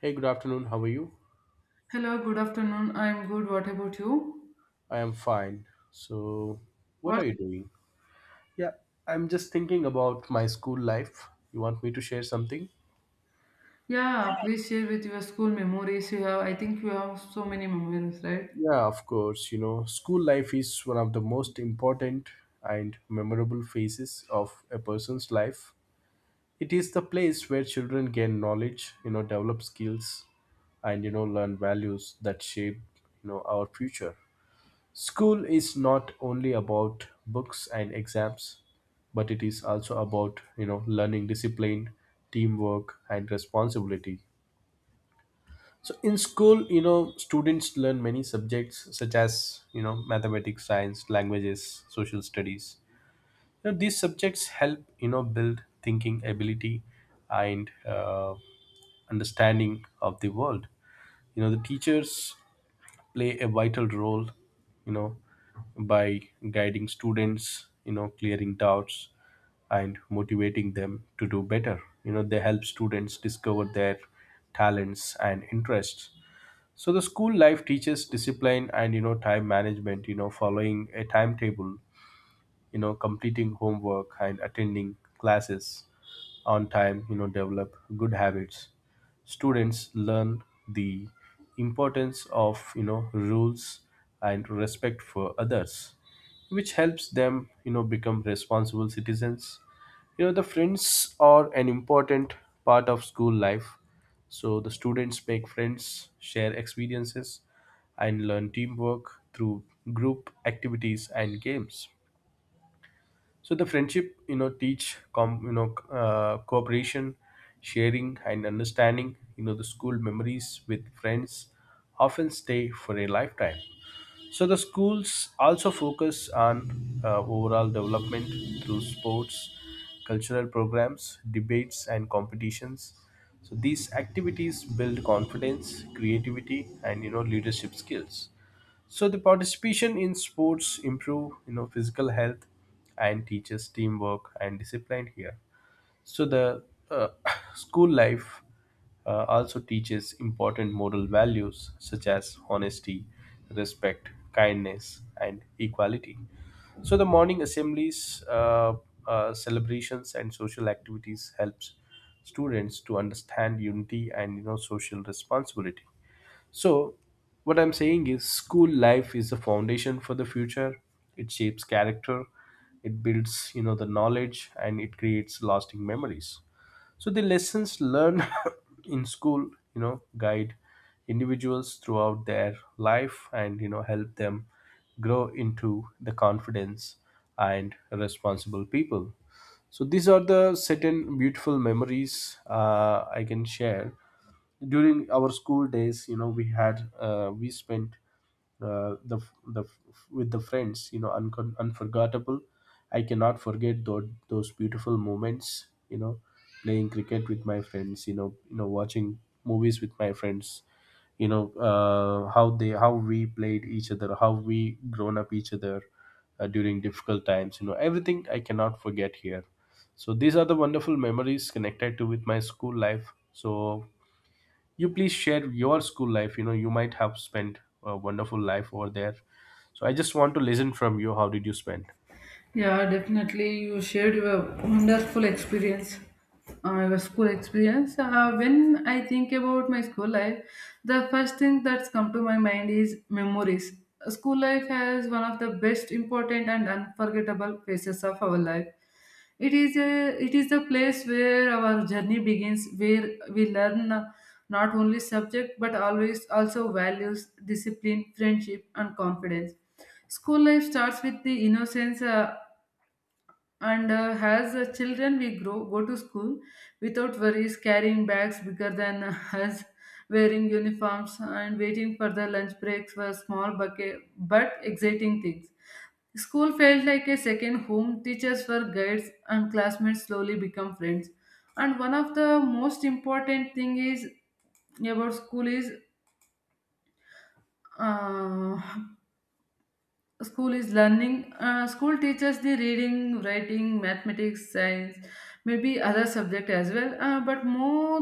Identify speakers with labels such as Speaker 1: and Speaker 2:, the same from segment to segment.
Speaker 1: Hey, good afternoon. How are you?
Speaker 2: Hello, good afternoon. I'm good. What about you?
Speaker 1: I am fine. So, what are
Speaker 2: What?
Speaker 1: you doing? Yeah, I'm just thinking about my school life. You want me to share something?
Speaker 2: Yeah, please share with your school memories you have. I think you have so many memories, right?
Speaker 1: Yeah, of course. School life is one of the most important and memorable phases of a person's life. It is the place where children gain knowledge, develop skills, and learn values that shape, our future. School is not only about books and exams, but it is also about, learning discipline, teamwork, and responsibility. So in school, students learn many subjects such as, mathematics, science, languages, social studies. These subjects help, build thinking ability and understanding of the world. The teachers play a vital role you know by guiding students, clearing doubts, and motivating them to do better. They help students discover their talents and interests. So the school life teaches discipline and time management. Following a timetable, completing homework, and attending classes on time, develop good habits. Students learn the importance of, rules and respect for others, which helps them, become responsible citizens. The friends are an important part of school life. So the students make friends, share experiences, and learn teamwork through group activities and games. So the friendship teach cooperation, sharing, and understanding. The school memories with friends often stay for a lifetime. So the schools also focus on overall development through sports, cultural programs, debates, and competitions. So these activities build confidence, creativity, and leadership skills. So the participation in sports improve physical health and teaches teamwork and discipline here. So the uh, school life also teaches important moral values such as honesty, respect, kindness, and equality. So the morning assemblies, celebrations, and social activities helps students to understand unity and social responsibility. So, what I'm saying is, school life is the foundation for the future. It shapes character, it builds, the knowledge, and it creates lasting memories. So, the lessons learned in school, guide individuals throughout their life and, help them grow into the confidence and responsible people. So these are the certain beautiful memories I can share during our school days. We had, we spent, uh, the f- the f- with the friends, you know uncon unforgettable. I cannot forget those beautiful moments, playing cricket with my friends, watching movies with my friends, how they, how we played each other, how we grown up each other during difficult times. Everything, I cannot forget here. So these are the wonderful memories connected to with my school life. So you please share your school life. You might have spent a wonderful life over there. So I just want to listen from you how did you spend.
Speaker 2: Yeah, definitely. You shared your wonderful experience, your school experience. When I think about my school life, the first thing that's come to my mind is memories. School life has one of the best, important, and unforgettable phases of our life. It is the place where our journey begins, where we learn not only subject but always also values, discipline, friendship, and confidence. School life starts with the innocence and as children, we grow go to school without worries, carrying bags bigger than us, wearing uniforms, and waiting for the lunch breaks for small bucket, but exciting things. School felt like a second home. Teachers were guides, and classmates slowly become friends. And one of the most important thing is about school is uh, school is learning school teaches the reading, writing, mathematics, science, maybe other subject as well, but more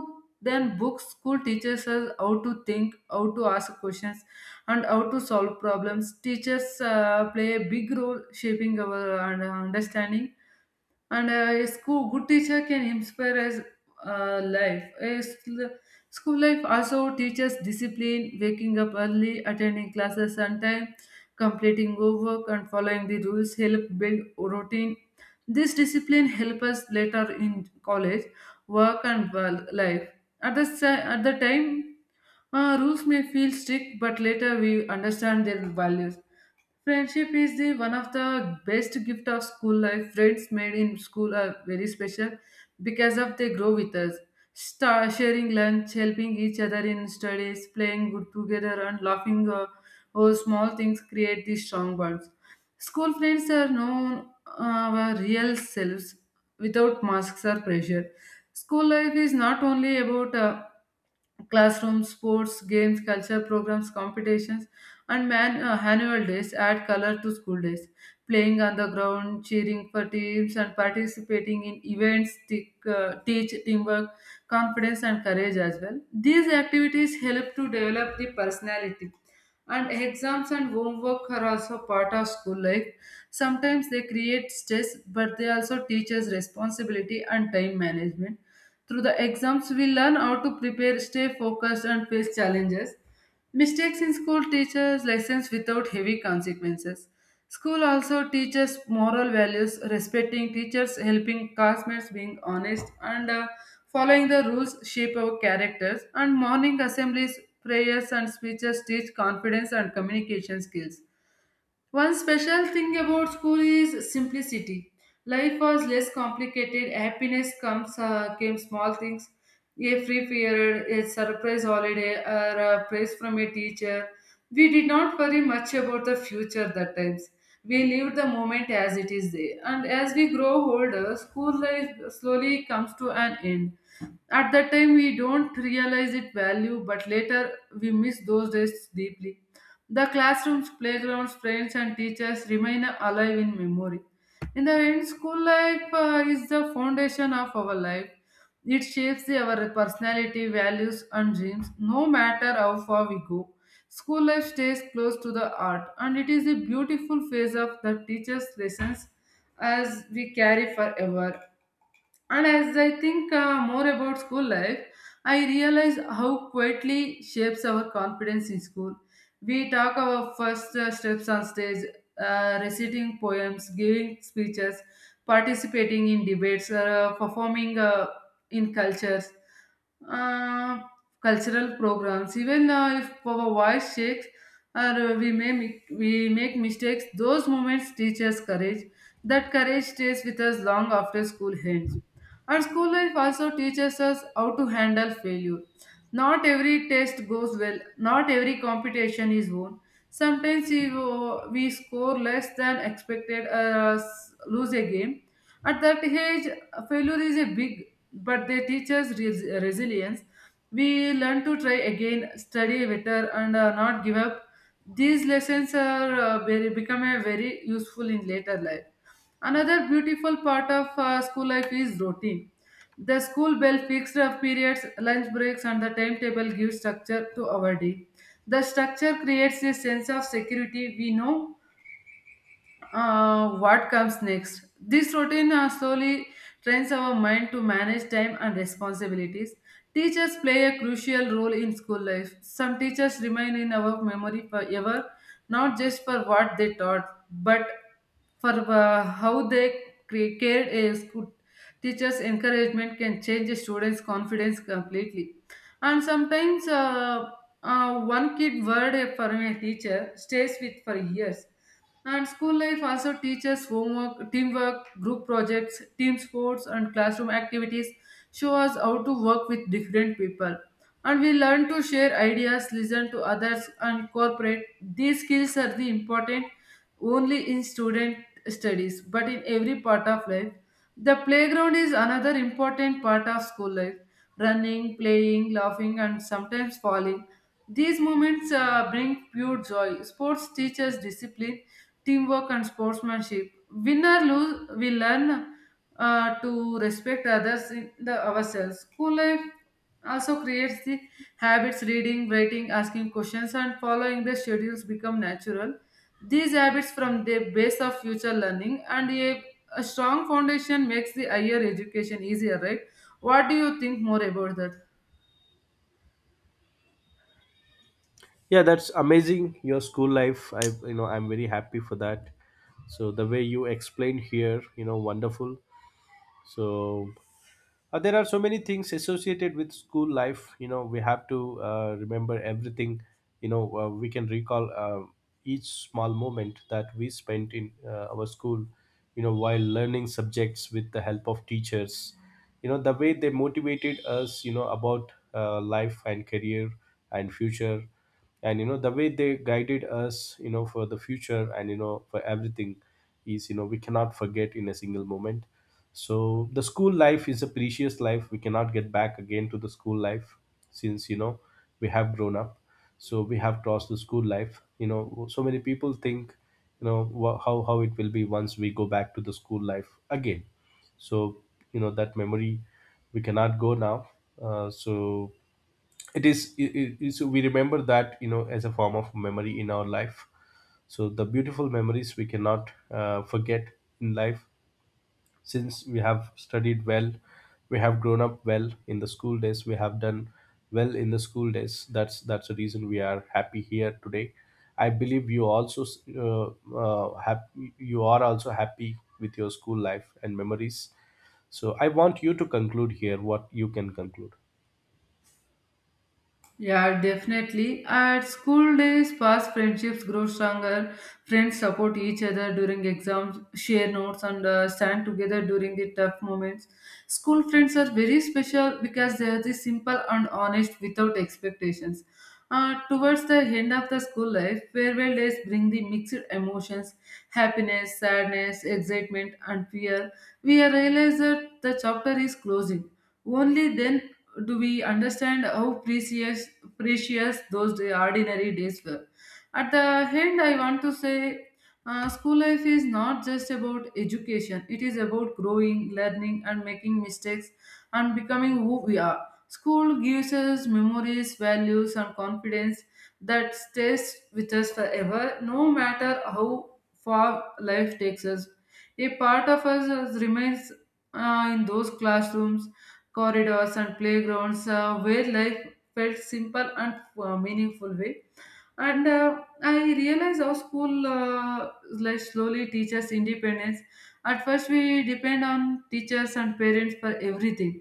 Speaker 2: than books, school teaches us how to think, how to ask questions, and how to solve problems. Teachers play a big role shaping our understanding, and a school good teacher can inspire us. uh, life a sl- School life also teaches discipline, waking up early, attending classes on time, completing homework, and following the rules help build routine. This discipline help us later in college, work, and world life. At the time, rules may feel strict, but later we understand their values. Friendship is the one of the best gift of school life. Friends made in school are very special because of they grow with us. Star sharing lunch, helping each other in studies, playing good together, and laughing over small things create these strong bonds. School friends are known our real selves without masks or pressure. School life is not only about classrooms, sports, games, culture programs, competitions, and man, annual days add color to school days. Playing on the ground, cheering for teams, and participating in events teach teamwork, confidence, and courage as well. These activities help to develop the personality, and exams and homework are also part of school life. Sometimes they create stress, but they also teach us responsibility and time management. Through the exams, we learn how to prepare, stay focused, and face challenges. Mistakes in school teaches lessons without heavy consequences. School also teaches moral values, respecting teachers, helping classmates, being honest, and following the rules shape our characters. And morning assemblies, prayers, and speeches teach confidence and communication skills. One special thing about school is simplicity. Life was less complicated. Happiness comes came small things, a free period, a surprise holiday, or a praise from a teacher. We did not worry much about the future that times. We lived the moment as it is there. And as we grow older, school life slowly comes to an end. At that time, we don't realize its value, but later we miss those days deeply. The classrooms, playgrounds, friends, and teachers remain alive in memory. In the end, school life is the foundation of our life. It shapes our personality, values, and dreams, no matter how far we go. School life stays close to the heart, and it is a beautiful phase of the teacher's lessons as we carry forever. And as I think more about school life, I realize how quietly shapes our confidence in school. We talk our first steps on stage, reciting poems, giving speeches, participating in debates, uh, performing in uh, cultural programs. Even if our voice shakes or we make mistakes, those moments teach us courage. That courage stays with us long after school ends. And school life also teaches us how to handle failure. Not every test goes well, not every competition is won. Sometimes we score less than expected, lose a game. At that age, failure is a big, but they teach us resilience. We learn to try again, study better, and not give up. These lessons are become a very useful in later life. Another beautiful part of school life is routine. The school bell fixed up periods, lunch breaks, and the timetable give structure to our day. The structure creates a sense of security. We know what comes next? This routine slowly trains our mind to manage time and responsibilities. Teachers play a crucial role in school life. Some teachers remain in our memory forever, not just for what they taught, but for how they cared a school. Teachers' encouragement can change a student's confidence completely. And sometimes, one kid word from a teacher stays with for years. And school life also teaches homework, teamwork, group projects, team sports, and classroom activities show us how to work with different people. And we learn to share ideas, listen to others, and cooperate. These skills are the important only in student studies, but in every part of life. The playground is another important part of school life. Running, playing, laughing, and sometimes falling. These moments bring pure joy. Sports teaches discipline, teamwork, and sportsmanship. Win or lose, we learn to respect others in the ourselves. School life also creates the habits reading, writing, asking questions, and following the schedules become natural. These habits from the base of future learning and a strong foundation makes the higher education easier, right? What do you think more about that?
Speaker 1: Yeah, that's amazing your school life. I you know i'm very happy for that. So the way you explained here, wonderful. So there are so many things associated with school life. We have to remember everything. We can recall each small moment that we spent in our school, while learning subjects with the help of teachers, the way they motivated us about life and career and future, and the way they guided us, for the future and for everything is, we cannot forget in a single moment. So the school life is a precious life. We cannot get back again to the school life since, we have grown up. So we have crossed the school life. So many people think, how it will be once we go back to the school life again. So that memory we cannot go now. So it is, we remember that, as a form of memory in our life. So the beautiful memories we cannot forget in life, since we have studied well. We have grown up well in the school days. We have done well in the school days. That's the reason we are happy here today. I believe you also happy. You are also happy with your school life and memories. So I want you to conclude here what you can conclude.
Speaker 2: Yeah, definitely. At school days, past friendships grow stronger. Friends support each other during exams, share notes, and stand together during the tough moments. School friends are very special because they are the simple and honest without expectations. Towards the end of the school life, farewell days bring the mixed emotions happiness, sadness, excitement, and fear. We realize that the chapter is closing. Only then do we understand how precious precious those ordinary days were. At the end, I want to say school life is not just about education, it is about growing, learning, and making mistakes and becoming who we are. School gives us memories, values, and confidence that stays with us forever, no matter how far life takes us. A part of us remains in those classrooms, corridors, and playgrounds where life felt simple and meaningful way, and I realize our school like slowly teaches independence. At first we depend on teachers and parents for everything,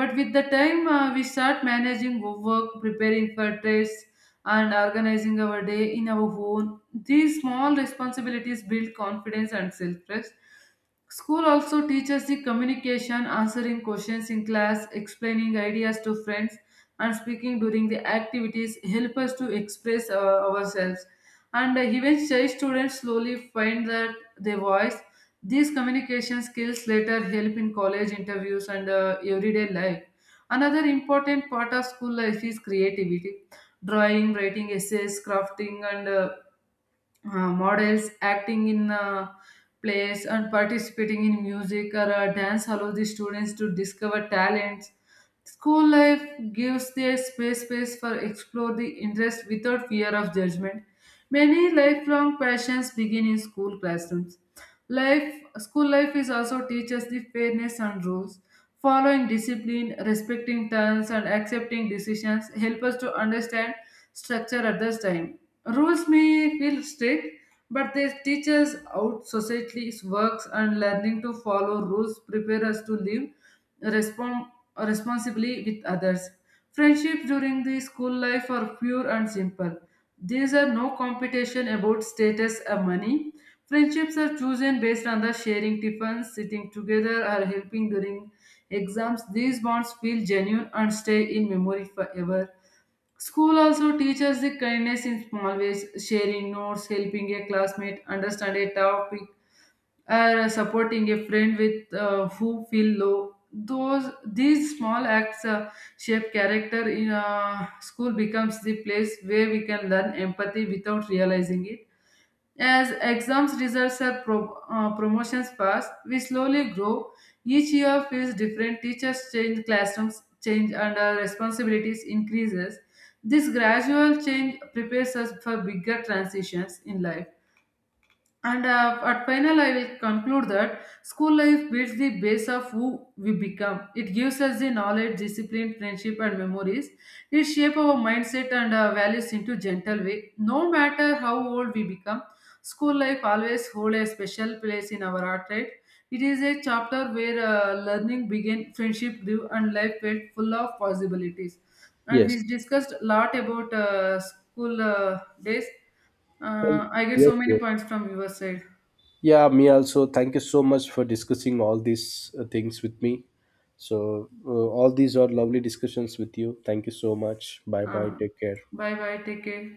Speaker 2: but with the time we start managing work, preparing for tests, and organizing our day in our own. These small responsibilities build confidence and self-trust. School also teaches the communication, answering questions in class, explaining ideas to friends, and speaking during the activities help us to express ourselves, and even shy students slowly find that their voice. These communication skills later help in college interviews and everyday life. Another important part of school life is creativity, drawing, writing essays, crafting, and models, acting in plays, and participating in music or dance allows the students to discover talents. School life gives their space for explore the interest without fear of judgment. Many lifelong passions begin in school classrooms. Life, school life is also teaches the fairness and rules, following discipline, respecting terms, and accepting decisions help us to understand structure at this time. Rules may feel strict, but they teach us how society works, and learning to follow rules prepare us to live respon responsibly with others. Friendship during the school life are pure and simple. These are no competition about status or money. Friendships are chosen based on the sharing tiffins, sitting together, or helping during exams. These bonds feel genuine and stay in memory forever. School also teaches the kindness in small ways, sharing notes, helping a classmate understand a topic, or supporting a friend with who feel low. Those these small acts shape character. In School becomes the place where we can learn empathy without realizing it. As exams results are promotions pass, we slowly grow. Each year feels different. Teachers change, classrooms change, and our responsibilities increases. This gradual change prepares us for bigger transitions in life. And at final, I will conclude that school life builds the base of who we become. It gives us the knowledge, discipline, friendship, and memories. It shapes our mindset and values into gentle way. No matter how old we become, school life always hold a special place in our heart, right? It is a chapter where learning began, friendship grew, and life felt full of possibilities. And
Speaker 1: Yes.
Speaker 2: we discussed a lot about school days.
Speaker 1: Thank.
Speaker 2: I get
Speaker 1: Yes.
Speaker 2: so many
Speaker 1: Yes.
Speaker 2: points from your side.
Speaker 1: Yeah, me also. Thank you so much for discussing all these things with me. So, all these are lovely discussions with you. Thank you so much. Bye bye.
Speaker 2: Uh,
Speaker 1: Take care.
Speaker 2: Bye bye. Take care.